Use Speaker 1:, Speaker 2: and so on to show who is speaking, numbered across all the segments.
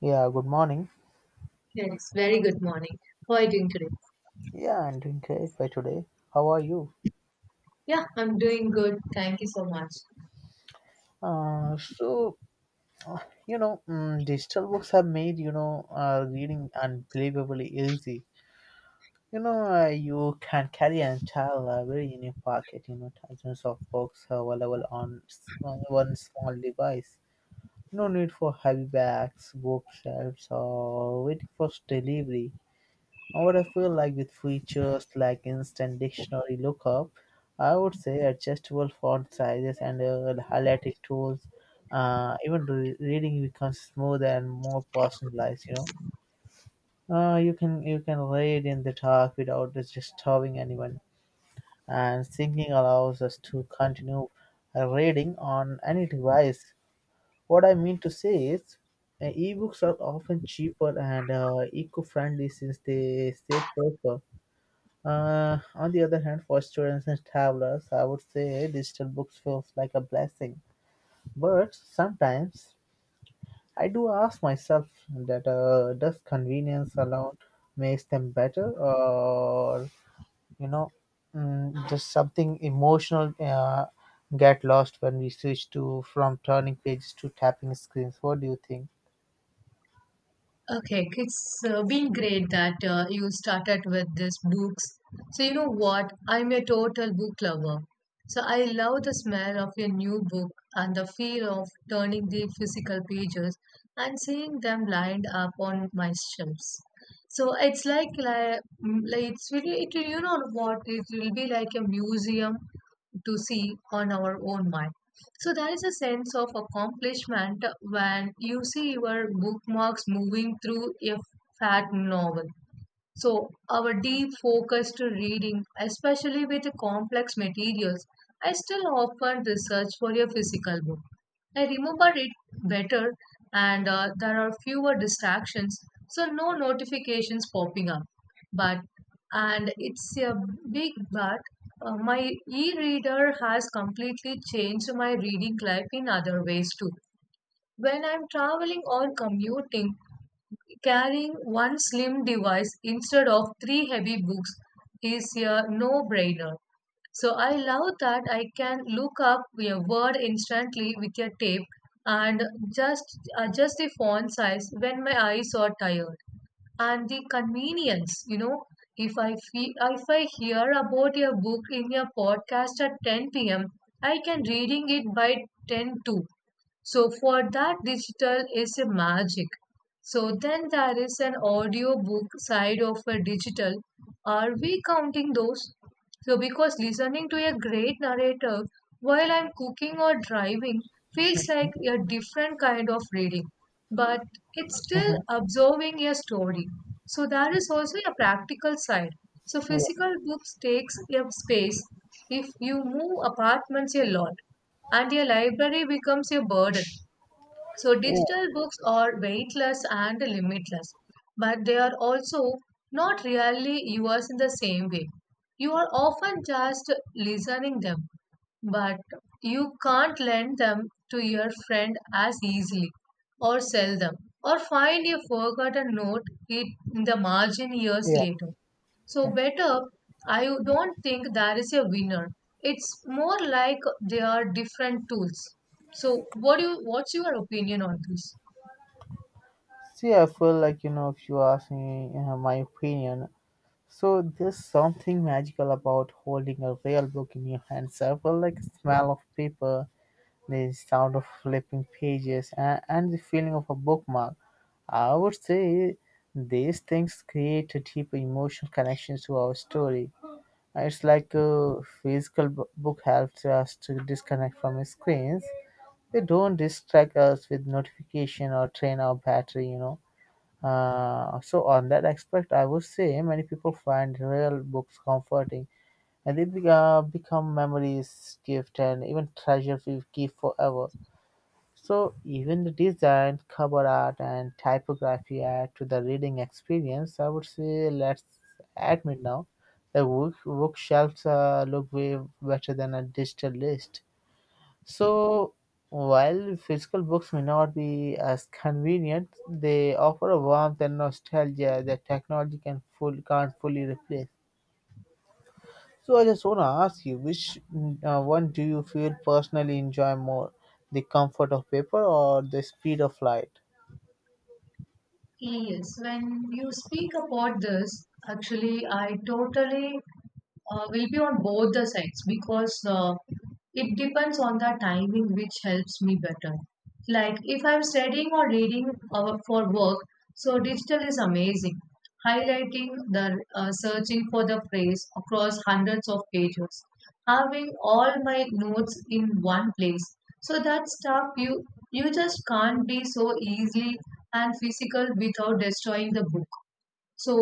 Speaker 1: Yeah, good morning.
Speaker 2: Yes, very good morning. How are you doing today?
Speaker 1: Yeah, I'm doing great by today. How are you?
Speaker 2: Yeah, I'm doing good. Thank you so much.
Speaker 1: Uh, so, Digital books have made, reading unbelievably easy. You can carry an entire library in your pocket, you know, thousands of books available on one small device. No need for heavy bags, bookshelves, or waiting for delivery. What I feel like with features like instant dictionary lookup, I would say adjustable font sizes and highlighting tools, reading becomes smoother and more personalized. You can you can read in the dark without disturbing anyone, and syncing allows us to continue reading on any device. What I mean to say is, ebooks are often cheaper and eco-friendly since they save paper. On the other hand, for students and travelers, I would say digital books feels like a blessing. But sometimes I do ask myself that does convenience alone makes them better, or you know, just something emotional get lost when we switch to from turning pages to tapping screens. What do you think?
Speaker 2: Okay, it's been great that you started with these books. So, you know what? I'm a total book lover. So, I love the smell of your new book and the feel of turning the physical pages and seeing them lined up on my shelves. So, it's like it's really, you know what? It will be like a museum to see on our own mind. So there is a sense of accomplishment when you see your bookmarks moving through a fat novel. So, our deep focus to reading, especially with complex materials, I still often research for a physical book. I remember it better, and there are fewer distractions, so no notifications popping up. But, and it's a big but, my e reader has completely changed my reading life in other ways too. When I'm traveling or commuting, carrying one slim device instead of three heavy books is a no brainer. So I love that I can look up a word instantly with a tape and just adjust the font size when my eyes are tired, and the convenience, if I hear about your book in your podcast at 10 p.m., I can reading it by 10 too. So for that, digital is a magic. So then there is an audio book side of a digital. Are we counting those? So, because listening to a great narrator while I'm cooking or driving feels like a different kind of reading, but it's still absorbing a story. So, there is also a practical side. So,
Speaker 1: Yeah,
Speaker 2: physical books takes up space if you move apartments a lot, and a library becomes a burden. So
Speaker 1: yeah,
Speaker 2: digital books are weightless and limitless, but they are also not really yours in the same way. You are often just listening them, but you can't lend them to your friend as easily, or sell them, or find a forgotten note it in the margin years
Speaker 1: yeah.
Speaker 2: later. So
Speaker 1: Yeah.
Speaker 2: better, I don't think there is a winner. It's more like they are different tools. So what's your opinion on this?
Speaker 1: See, I feel like if you ask me my opinion, so there's something magical about holding a real book in your hands. I feel like the smell of paper, the sound of flipping pages, and the feeling of a bookmark. I would say these things create a deep emotional connection to our story. It's like a book helps us to disconnect from screens. They don't distract us with notification or drain our battery, you know. So on that aspect, I would say many people find real books comforting, and become memories, gift, and even treasures we keep forever. So even the design, cover art, and typography add to the reading experience. I would say let's admit now, the bookshelves look way better than a digital list. So, while physical books may not be as convenient, they offer a warmth and nostalgia that technology can't fully replace. So, I just want to ask you which one do you feel personally enjoy more? The comfort of paper or the speed of light?
Speaker 2: Yes, when you speak about this, actually, I totally will be on both the sides, because it depends on the timing which helps me better. Like if I'm studying or reading for work, so digital is amazing. Highlighting, the searching for the phrase across hundreds of pages, having all my notes in one place. So that stuff you just can't be so easily and physical without destroying the book. So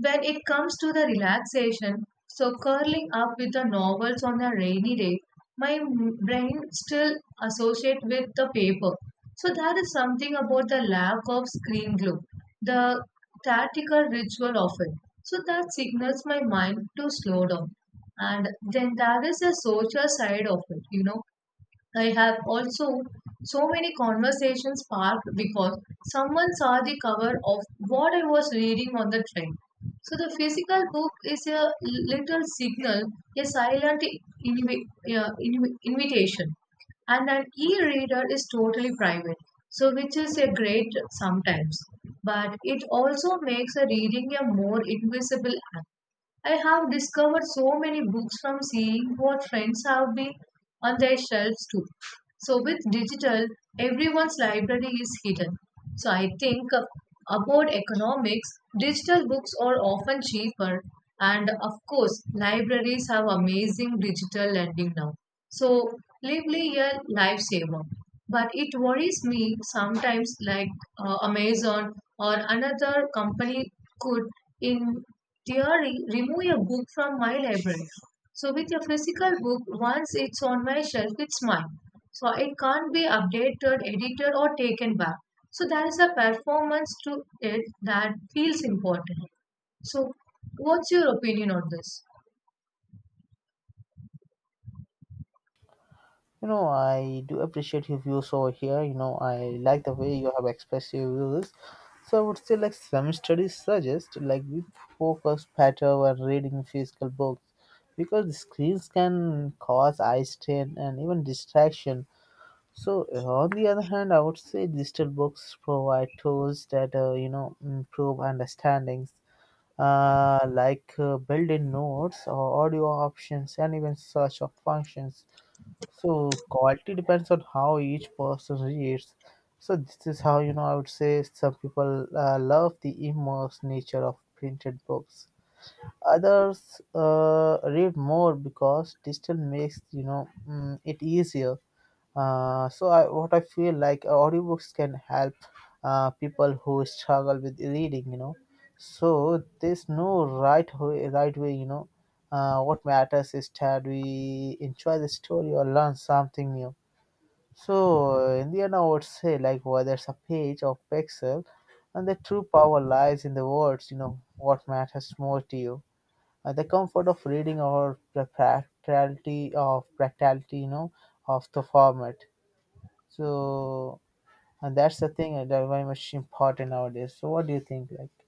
Speaker 2: when it comes to the relaxation, so curling up with the novels on a rainy day, my brain still associate with the paper. So there is something about the lack of screen glow, the tactical ritual of it. So that signals my mind to slow down. And then there is a social side of it. I have also so many conversations parked because someone saw the cover of what I was reading on the train. So the physical book is a little signal, a silent invitation, and an e-reader is totally private. So which is a great sometimes, but it also makes a reading a more invisible. I have discovered so many books from seeing what friends have been on their shelves too. So with digital, everyone's library is hidden. So I think about economics, digital books are often cheaper, and of course libraries have amazing digital lending now. So lively a lifesaver. But it worries me sometimes like Amazon or another company could, in theory, remove a book from my library. So with a physical book, once it's on my shelf, it's mine. So it can't be updated, edited or taken back. So there is a performance to it that feels important. So what's your opinion on this?
Speaker 1: You know, I do appreciate your views over here. You know, I like the way you have expressed your views. So I would say, like some studies suggest, like we focus better when reading physical books because the screens can cause eye strain and even distraction. So on the other hand, I would say digital books provide tools that you know improve understandings, built-in notes or audio options and even search of functions. So quality depends on how each person reads. So this is how you know I would say some people love the immersed nature of printed books. Others read more because digital makes you know it easier. What I feel like audiobooks can help people who struggle with reading, you know. So there's no right way, you know. What matters is that we enjoy the story or learn something new. So in the end, I would say like whether it's a page or pixel, and the true power lies in the words. You know what matters more to you. The comfort of reading or the practicality you know of the format, so and that's the thing that very much important nowadays, so what do you think like?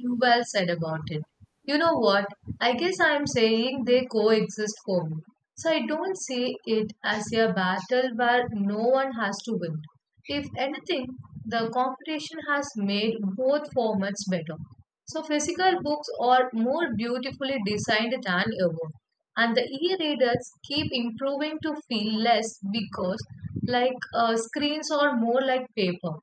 Speaker 2: You Well said about it. You know what? I guess I am saying they coexist for me. So I don't see it as a battle where no one has to win. If anything, the competition has made both formats better. So physical books are more beautifully designed than ever. And the e-readers keep improving to feel less, because like screens are more like paper.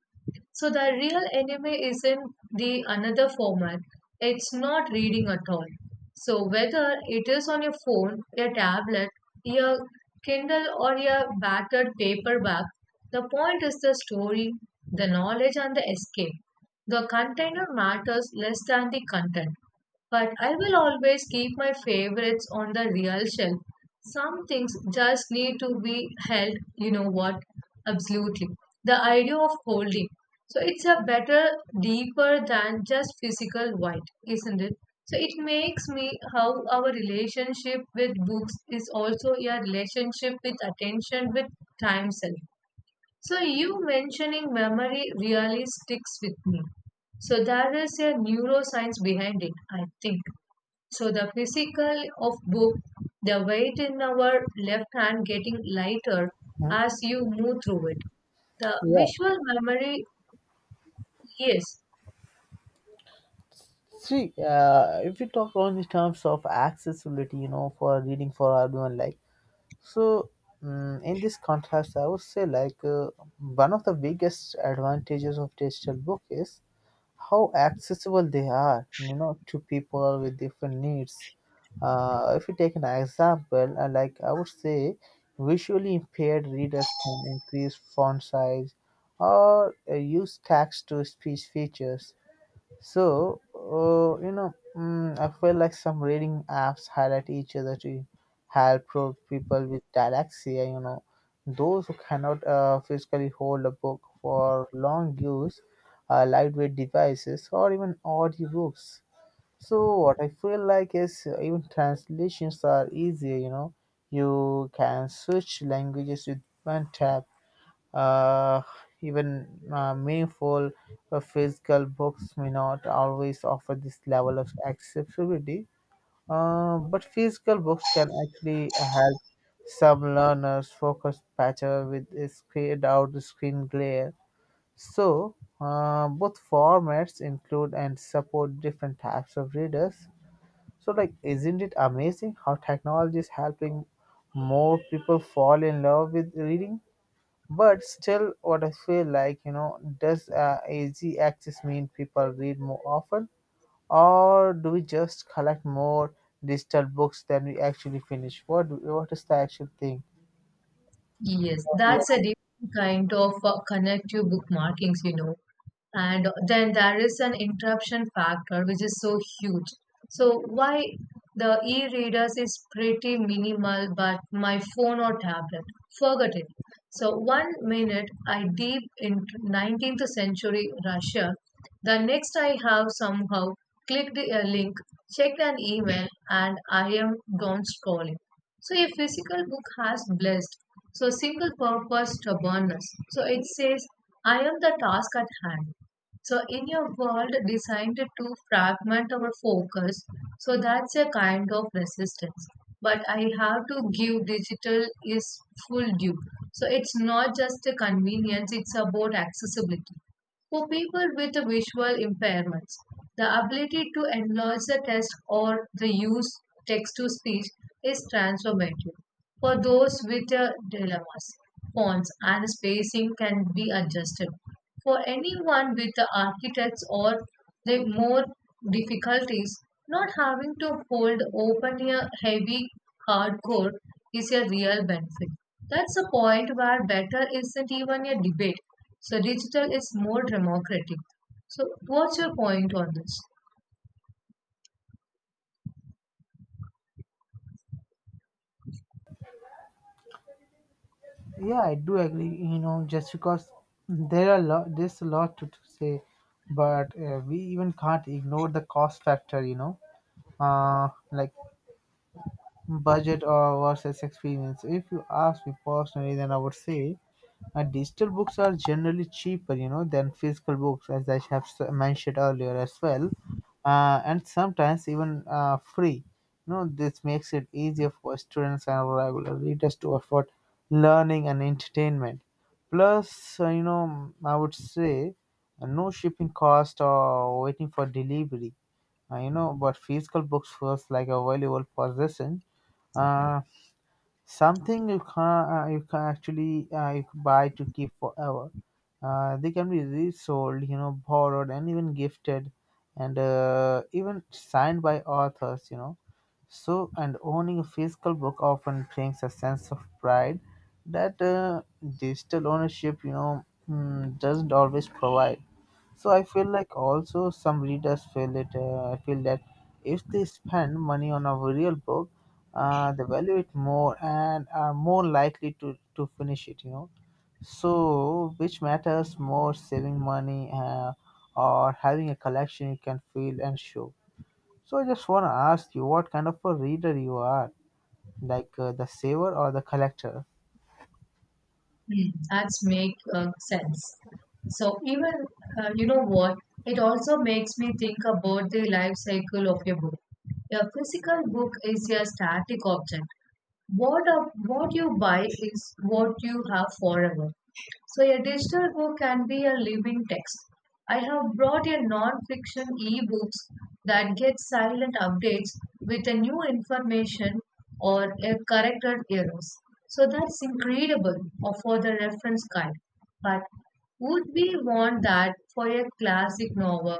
Speaker 2: So the real anime isn't the another format. It's not reading at all. So whether it is on your phone, your tablet, your Kindle or your battered paperback, the point is the story, the knowledge and the escape. The container matters less than the content. But I will always keep my favorites on the real shelf. Some things just need to be held, you know what? Absolutely. The idea of holding. So it's a better, deeper than just physical white, isn't it? So it makes me how our relationship with books is also a relationship with attention with time self. So you mentioning memory really sticks with me. So there is a neuroscience behind it, I think. So the physical of book, the weight in our left hand getting lighter
Speaker 1: Hmm?
Speaker 2: as you move through it. The
Speaker 1: Yeah.
Speaker 2: visual memory, yes,
Speaker 1: See, if we talk on the terms of accessibility, you know, for reading for everyone, like, so in this contrast, I would say, one of the biggest advantages of digital book is how accessible they are, you know, to people with different needs. If you take an example, I would say, visually impaired readers can increase font size or use text to speech features. I feel like some reading apps highlight each other to people with dyslexia. You know, those who cannot physically hold a book for long use, lightweight devices, or even audiobooks. So, what I feel like is even translations are easier. You know, you can switch languages with one tap. Uh, even meaningful physical books may not always offer this level of accessibility, but physical books can actually help some learners focus better with a screen, without the screen glare. So, both formats include and support different types of readers. So, like, isn't it amazing how technology is helping more people fall in love with reading? But still, what I feel like, you know, does easy access mean people read more often, or do we just collect more digital books than we actually finish? What is the actual thing?
Speaker 2: yes,
Speaker 1: Yeah,
Speaker 2: that's a different kind of connective bookmarkings. And then there is an interruption factor which is so huge. So why the e-readers is pretty minimal, but my phone or tablet, forget it. So one minute I deep in 19th century Russia, the next I have somehow clicked a link, checked an email, and I am gone scrolling. So a physical book has blessed, so single purpose stubbornness, so it says I am the task at hand. So in your world designed to fragment our focus, so that's a kind of resistance. But I have to give digital is full due. So it's not just a convenience, it's about accessibility. For people with visual impairments, the ability to enlarge the text or the use text to speech is transformative. For those with dilemmas, fonts and spacing can be adjusted. For anyone with the architects or like more difficulties, not having to hold open a heavy hardcore is a real benefit. That's a point where better isn't even a debate. So digital is more democratic. So what's your point on this?
Speaker 1: yeah, I do agree. You know, just because there's a lot to say, but we even can't ignore the cost factor. You know, uh, like budget or versus experience. If you ask me personally, then I would say digital books are generally cheaper, you know, than physical books, as mentioned earlier as well, and sometimes even free. You know, this makes it easier for students and regular readers to afford learning and entertainment. Plus, you know, I would say no shipping cost or waiting for delivery. You know, but physical books feels like a valuable possession, uh, something you can actually you can buy to keep forever. They can be resold, you know, borrowed, and even gifted, and even signed by authors. You know, so and owning a physical book often brings a sense of pride that digital ownership, doesn't always provide. So I feel like also some readers feel it. I feel that if they spend money on a real book, they value it more and are more likely to finish it. You know, so which matters more, saving money or having a collection you can feel and show. So I just want to ask you, what kind of a reader you are, like the saver or the collector?
Speaker 2: Hmm, that's make sense. So even, you know what, it also makes me think about the life cycle of a book. A physical book is a static object. What you buy is what you have forever. So, a digital book can be a living text. I have brought a non-fiction e-books that get silent updates with a new information or a corrected errors. So that's incredible, or for the reference guide. But would we want that for a classic novel?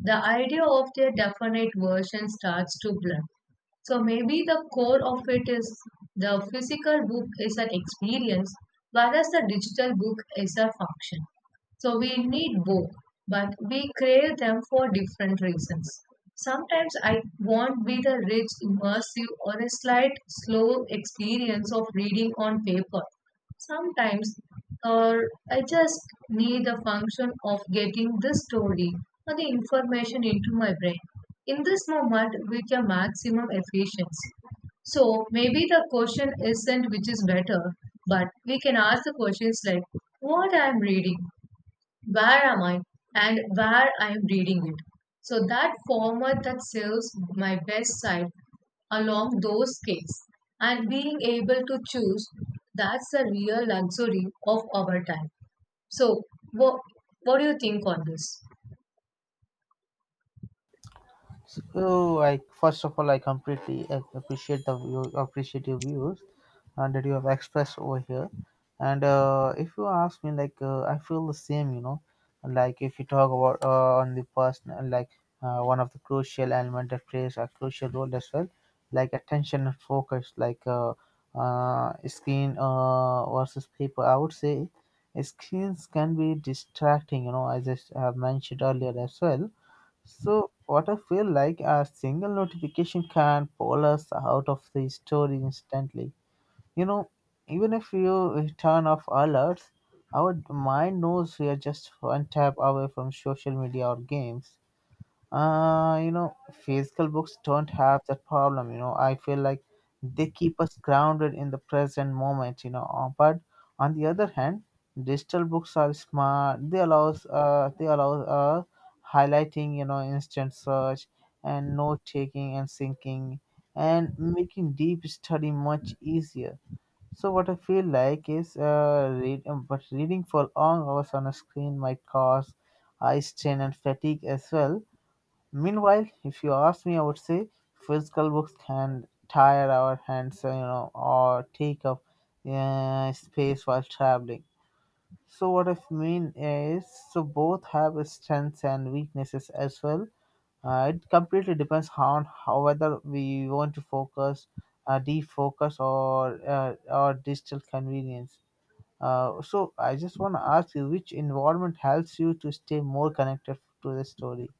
Speaker 2: The idea of their definite version starts to blur. So maybe the core of it is the physical book is an experience, whereas the digital book is a function. So we need both, but we crave them for different reasons. Sometimes I want be the rich, immersive, or a slight slow experience of reading on paper, sometimes, or I just need the function of getting this story or the information into my brain in this moment with your maximum efficiency. So maybe the question isn't which is better, but we can ask the questions like what I'm reading, where am I, and where I am reading it. So that format that serves my best side along those scales, and being able to choose, that's the real luxury of our time. So what what do you think on this?
Speaker 1: So I first of all I appreciate your views that you have expressed over here. And if you ask me, like I feel the same, you know. Like if you talk about on the personal, like one of the crucial element that plays a crucial role as well, like attention and focus, screen versus paper. I would say screens can be distracting, you know, as have mentioned earlier as well, so what I feel like a single notification can pull us out of the story instantly. You know, even if you turn off alerts, our mind knows we are just one tap away from social media or games. You know, physical books don't have that problem. You know, I feel like they keep us grounded in the present moment. You know, but on the other hand, digital books are smart. They allow uh, highlighting. You know, instant search and note taking and syncing and making deep study much easier. So what I feel like is, but reading for long hours on a screen might cause eye strain and fatigue as well. Meanwhile, if you ask me, I would say physical books can tire our hands, you know, or take up space while traveling. So what I mean is, so both have strengths and weaknesses as well. It completely depends on how whether we want to focus, defocus, or digital convenience. So I just want to ask you, which environment helps you to stay more connected to the story?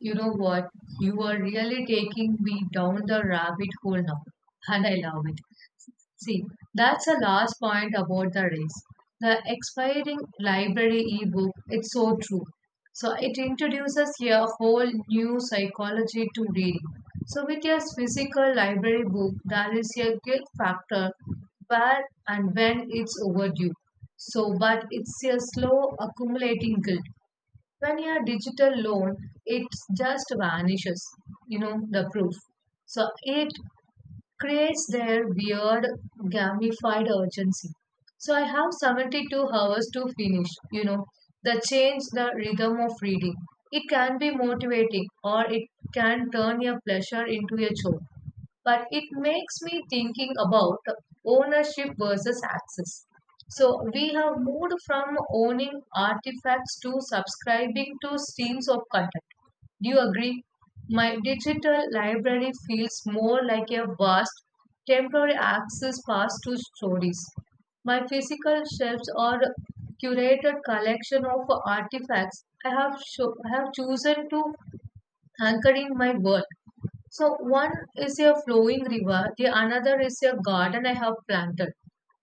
Speaker 2: You know what? You are really taking me down the rabbit hole now, and I love it. See, that's the last point about the race. The expiring library ebook, it's so true. So it introduces a whole new psychology to reading. So with your physical library book, there is a guilt factor where and when it's overdue. So but it's a slow accumulating guilt. When you're digital loan, it just vanishes, you know, the proof. So it creates their weird gamified urgency. So I have 72 hours to finish, you know, the change the rhythm of reading. It can be motivating, or it can turn your pleasure into a chore. But it makes me thinking about ownership versus access. So we have moved from owning artifacts to subscribing to streams of content. Do you agree? My digital library feels more like a vast temporary access pass to stories. My physical shelves are curated collection of artifacts I have I have chosen to anchor in my world. So one is a flowing river, the another is a garden I have planted.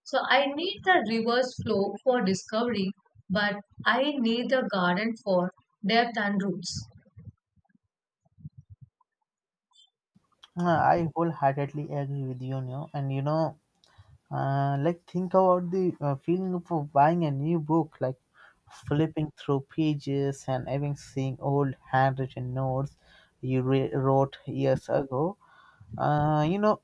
Speaker 2: So I need the river's flow for discovery, but I need the garden for depth and roots.
Speaker 1: I wholeheartedly agree with you, you know, and you know, like think about the feeling of buying a new book, like flipping through pages and even seeing old handwritten notes you wrote years ago. You know,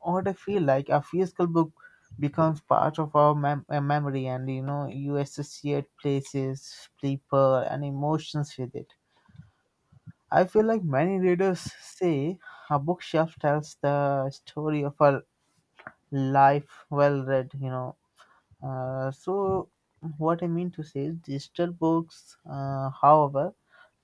Speaker 1: what I feel like a physical book becomes part of our memory, and you know, you associate places, people, and emotions with it. I feel like many readers say a bookshelf tells the story of a life well read, you know. So, what I mean to say is, digital books, however,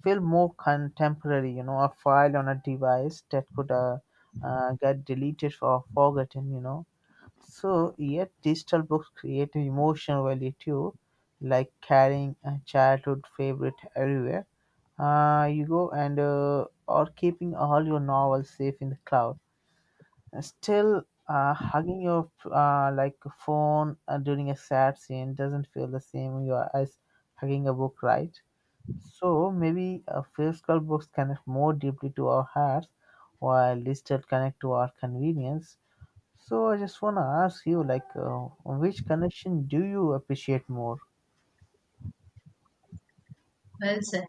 Speaker 1: feel more contemporary, you know, a file on a device that could get deleted or forgotten, you know. So, yet digital books create an emotional value too, like carrying a childhood favorite everywhere you go and or keeping all your novels safe in the cloud. And still, hugging your like phone during a sad scene doesn't feel the same you are as hugging a book, right? So maybe physical books connect more deeply to our hearts, while digital connect to our convenience. So I just want to ask you, like, which connection do you appreciate more?
Speaker 2: Well said.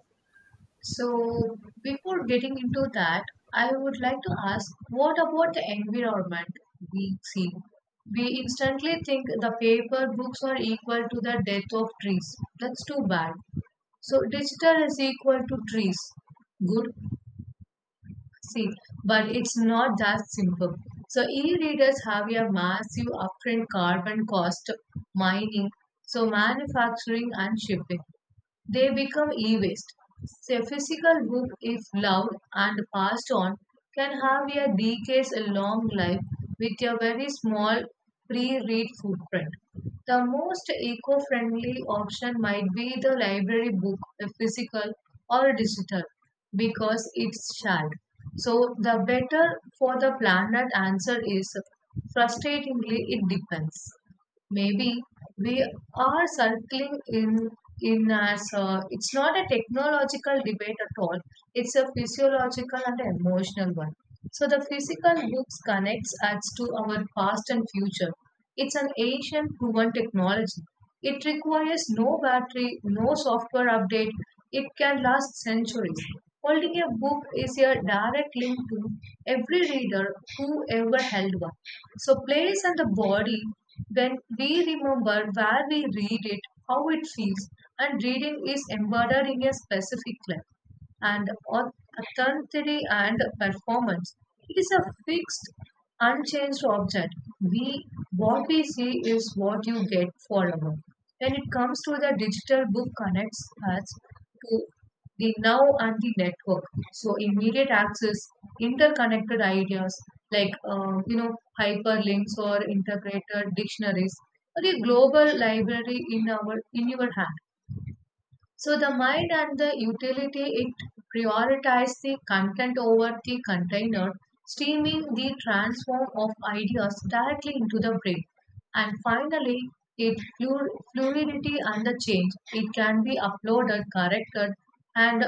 Speaker 2: So, before getting into that, I would like to ask, what about the environment we see? We instantly think the paper books are equal to the death of trees. That's too bad. So, digital is equal to trees. Good. See, but it's not that simple. So, e readers have a massive upfront carbon cost, mining, so manufacturing and shipping. They become e-waste. A physical book, if loved and passed on, can have a decades-long life with a very small pre-read footprint. The most eco-friendly option might be the library book, a physical or digital, because it's shared. So the better for the planet answer is frustratingly, it depends. Maybe we are circling in, as it's not a technological debate at all, it's a physiological and emotional one. So the physical books connects us to our past and future. It's an ancient proven technology. It requires no battery, no software update. It can last centuries. Holding a book is a direct link to every reader who ever held one. So, place and the body. Then we remember where we read it, how it feels, and reading is embodied in a specific clip and authenticity and performance. It is a fixed, unchanged object. We, what we see is what you get forever. When it comes to the digital book, connects us to the now and the network. So immediate access, interconnected ideas like hyperlinks or integrated dictionaries, or a global library in our in your hand. So the mind and the utility, it prioritizes the content over the container, steaming the transform of ideas directly into the brain. And finally, it fluidity and the change. It can be uploaded, corrected, and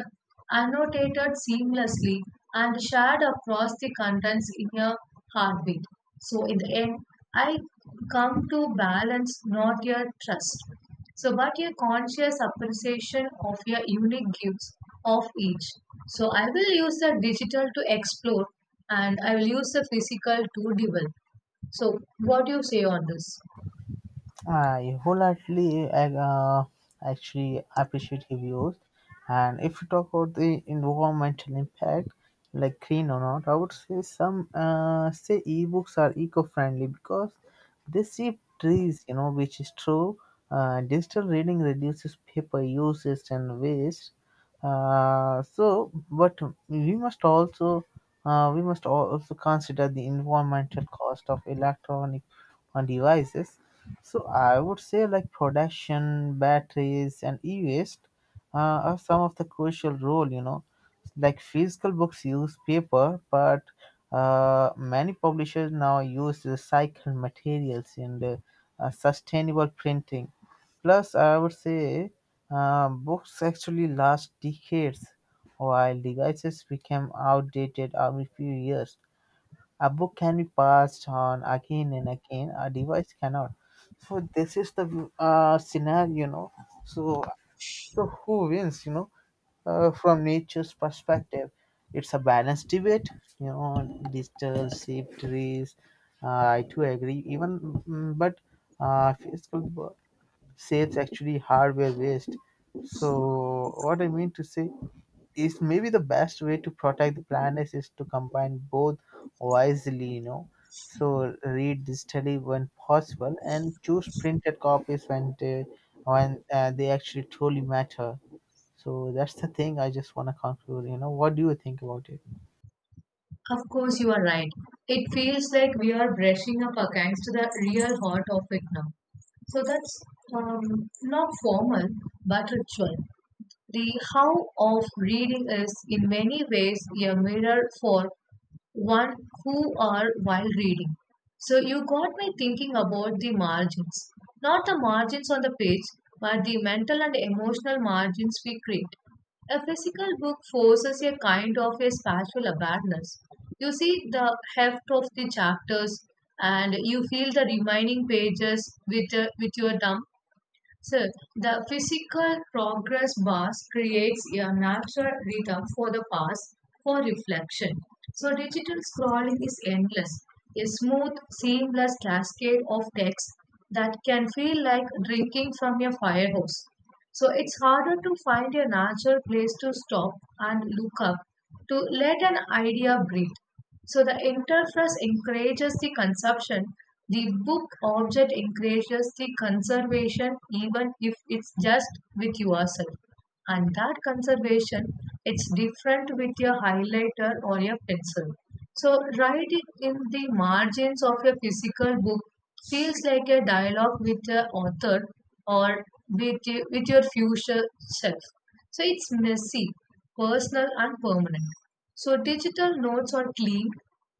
Speaker 2: annotated seamlessly and shared across the contents in a heartbeat. So in the end, I come to balance, not your trust. So, but a conscious appreciation of your unique gifts of each. So, I will use the digital to explore and I will use the physical to develop. So, what do you say on this?
Speaker 1: I wholeheartedly actually appreciate your views. And if you talk about the environmental impact, like green or not, I would say some say ebooks are eco-friendly because they save trees, which is true. Digital reading reduces paper usage and waste. So, but we must also also consider the environmental cost of electronic devices, so I would say like production, batteries, and e-waste are some of the crucial role. You know, like physical books use paper, but many publishers now use recycled materials and sustainable printing. Plus, I would say books actually last decades, while devices become outdated every few years. A book can be passed on again and again. A device cannot. So this is the scenario, you know. So so who wins, you know, from nature's perspective? It's a balanced debate, you know. Digital shaped trees. Uh, I too agree. Even but uh, physical bo- saves actually hardware waste. So what I mean to say is maybe the best way to protect the planet is to combine both wisely, you know, so read digitally when possible and choose printed copies when they actually truly matter. So that's the thing. I just want to conclude, you know, what do you think about it?
Speaker 2: Of course, you are right. It feels like we are brushing up against the real heart of it now. So, that's um, not formal but ritual. The how of reading is in many ways a mirror for one who are while reading. So you got me thinking about the margins. Not the margins on the page, but the mental and emotional margins we create. A physical book forces a kind of a spatial awareness. You see the heft of the chapters and you feel the remaining pages with your thumb. So, the physical progress bars creates a natural rhythm for the past, for reflection. So, digital scrolling is endless, a smooth, seamless cascade of text that can feel like drinking from a fire hose. So it's harder to find a natural place to stop and look up, to let an idea breathe. So the interface encourages the consumption. The book object encourages the conservation, even if it's just with yourself. And that conservation, it's different with your highlighter or your pencil. So writing in the margins of your physical book feels like a dialogue with the author or with your future self. So it's messy, personal and permanent. So digital notes are clean,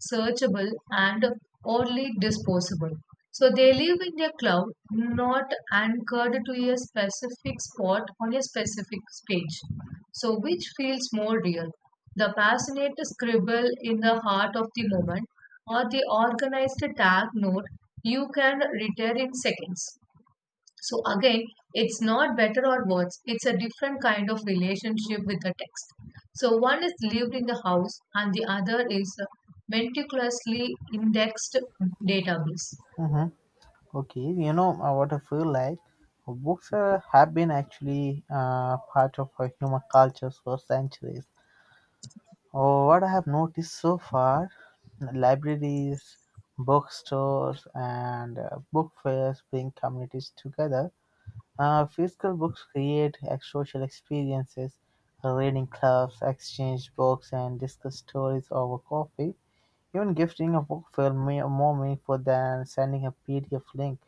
Speaker 2: searchable, and only disposable. So they live in their cloud, not anchored to a specific spot on a specific page. So which feels more real? The passionate scribble in the heart of the moment, or the organized tag note you can return in seconds. So again, it's not better or worse. It's a different kind of relationship with the text. So one is lived in the house and the other is a meticulously indexed database.
Speaker 1: Hmm. Okay, you know, what I feel like, have been actually part of our human cultures for centuries. Oh, what I have noticed so far, libraries, bookstores, and book fairs bring communities together. Physical books create social experiences, reading clubs, exchange books, and discuss stories over coffee. Even gifting a book more meaningful than sending a PDF link.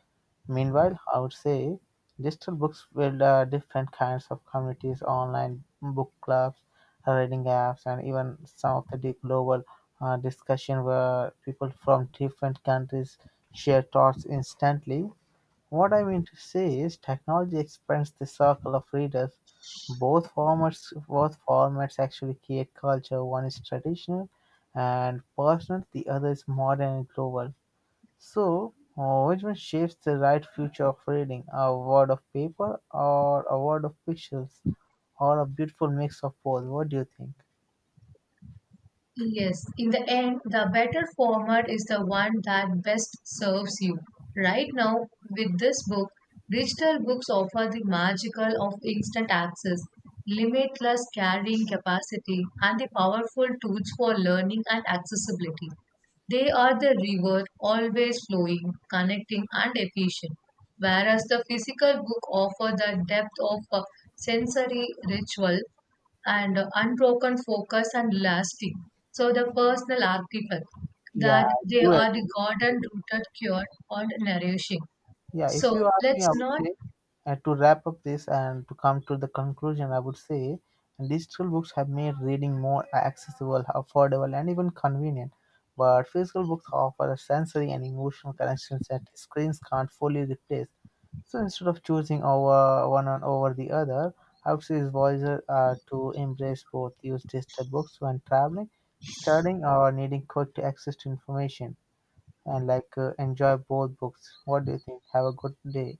Speaker 1: Meanwhile, I would say digital books build different kinds of communities, online book clubs, reading apps, and even some of the deep global discussion where people from different countries share thoughts instantly. What I mean to say is technology expands the circle of readers. Both formats actually create culture. One is traditional and personal, the other is modern and global. So which one shapes the right future of reading? A word of paper or a word of pictures or a beautiful mix of both? What do you think?
Speaker 2: Yes, in the end, the better format is the one that best serves you. Right now, with this book, digital books offer the magical of instant access, limitless carrying capacity, and the powerful tools for learning and accessibility. They are the river, always flowing, connecting, and efficient, whereas the physical book offers the depth of a sensory ritual and unbroken focus and lasting. So the personal artifact,
Speaker 1: Yeah,
Speaker 2: that
Speaker 1: I
Speaker 2: they
Speaker 1: do
Speaker 2: are the garden
Speaker 1: agree.
Speaker 2: rooted, cured, and nourishing.
Speaker 1: Yeah, if
Speaker 2: So
Speaker 1: you ask me,
Speaker 2: let's
Speaker 1: I would
Speaker 2: not
Speaker 1: say to wrap up this and to come to the conclusion, I would say digital books have made reading more accessible, affordable, and even convenient. But physical books offer a sensory and emotional connections that screens can't fully replace. So instead of choosing over one on over the other, I would say it's wiser to embrace both. Use digital books when traveling, studying, or needing quick access to information and like enjoy both books. What do you think? Have a good day.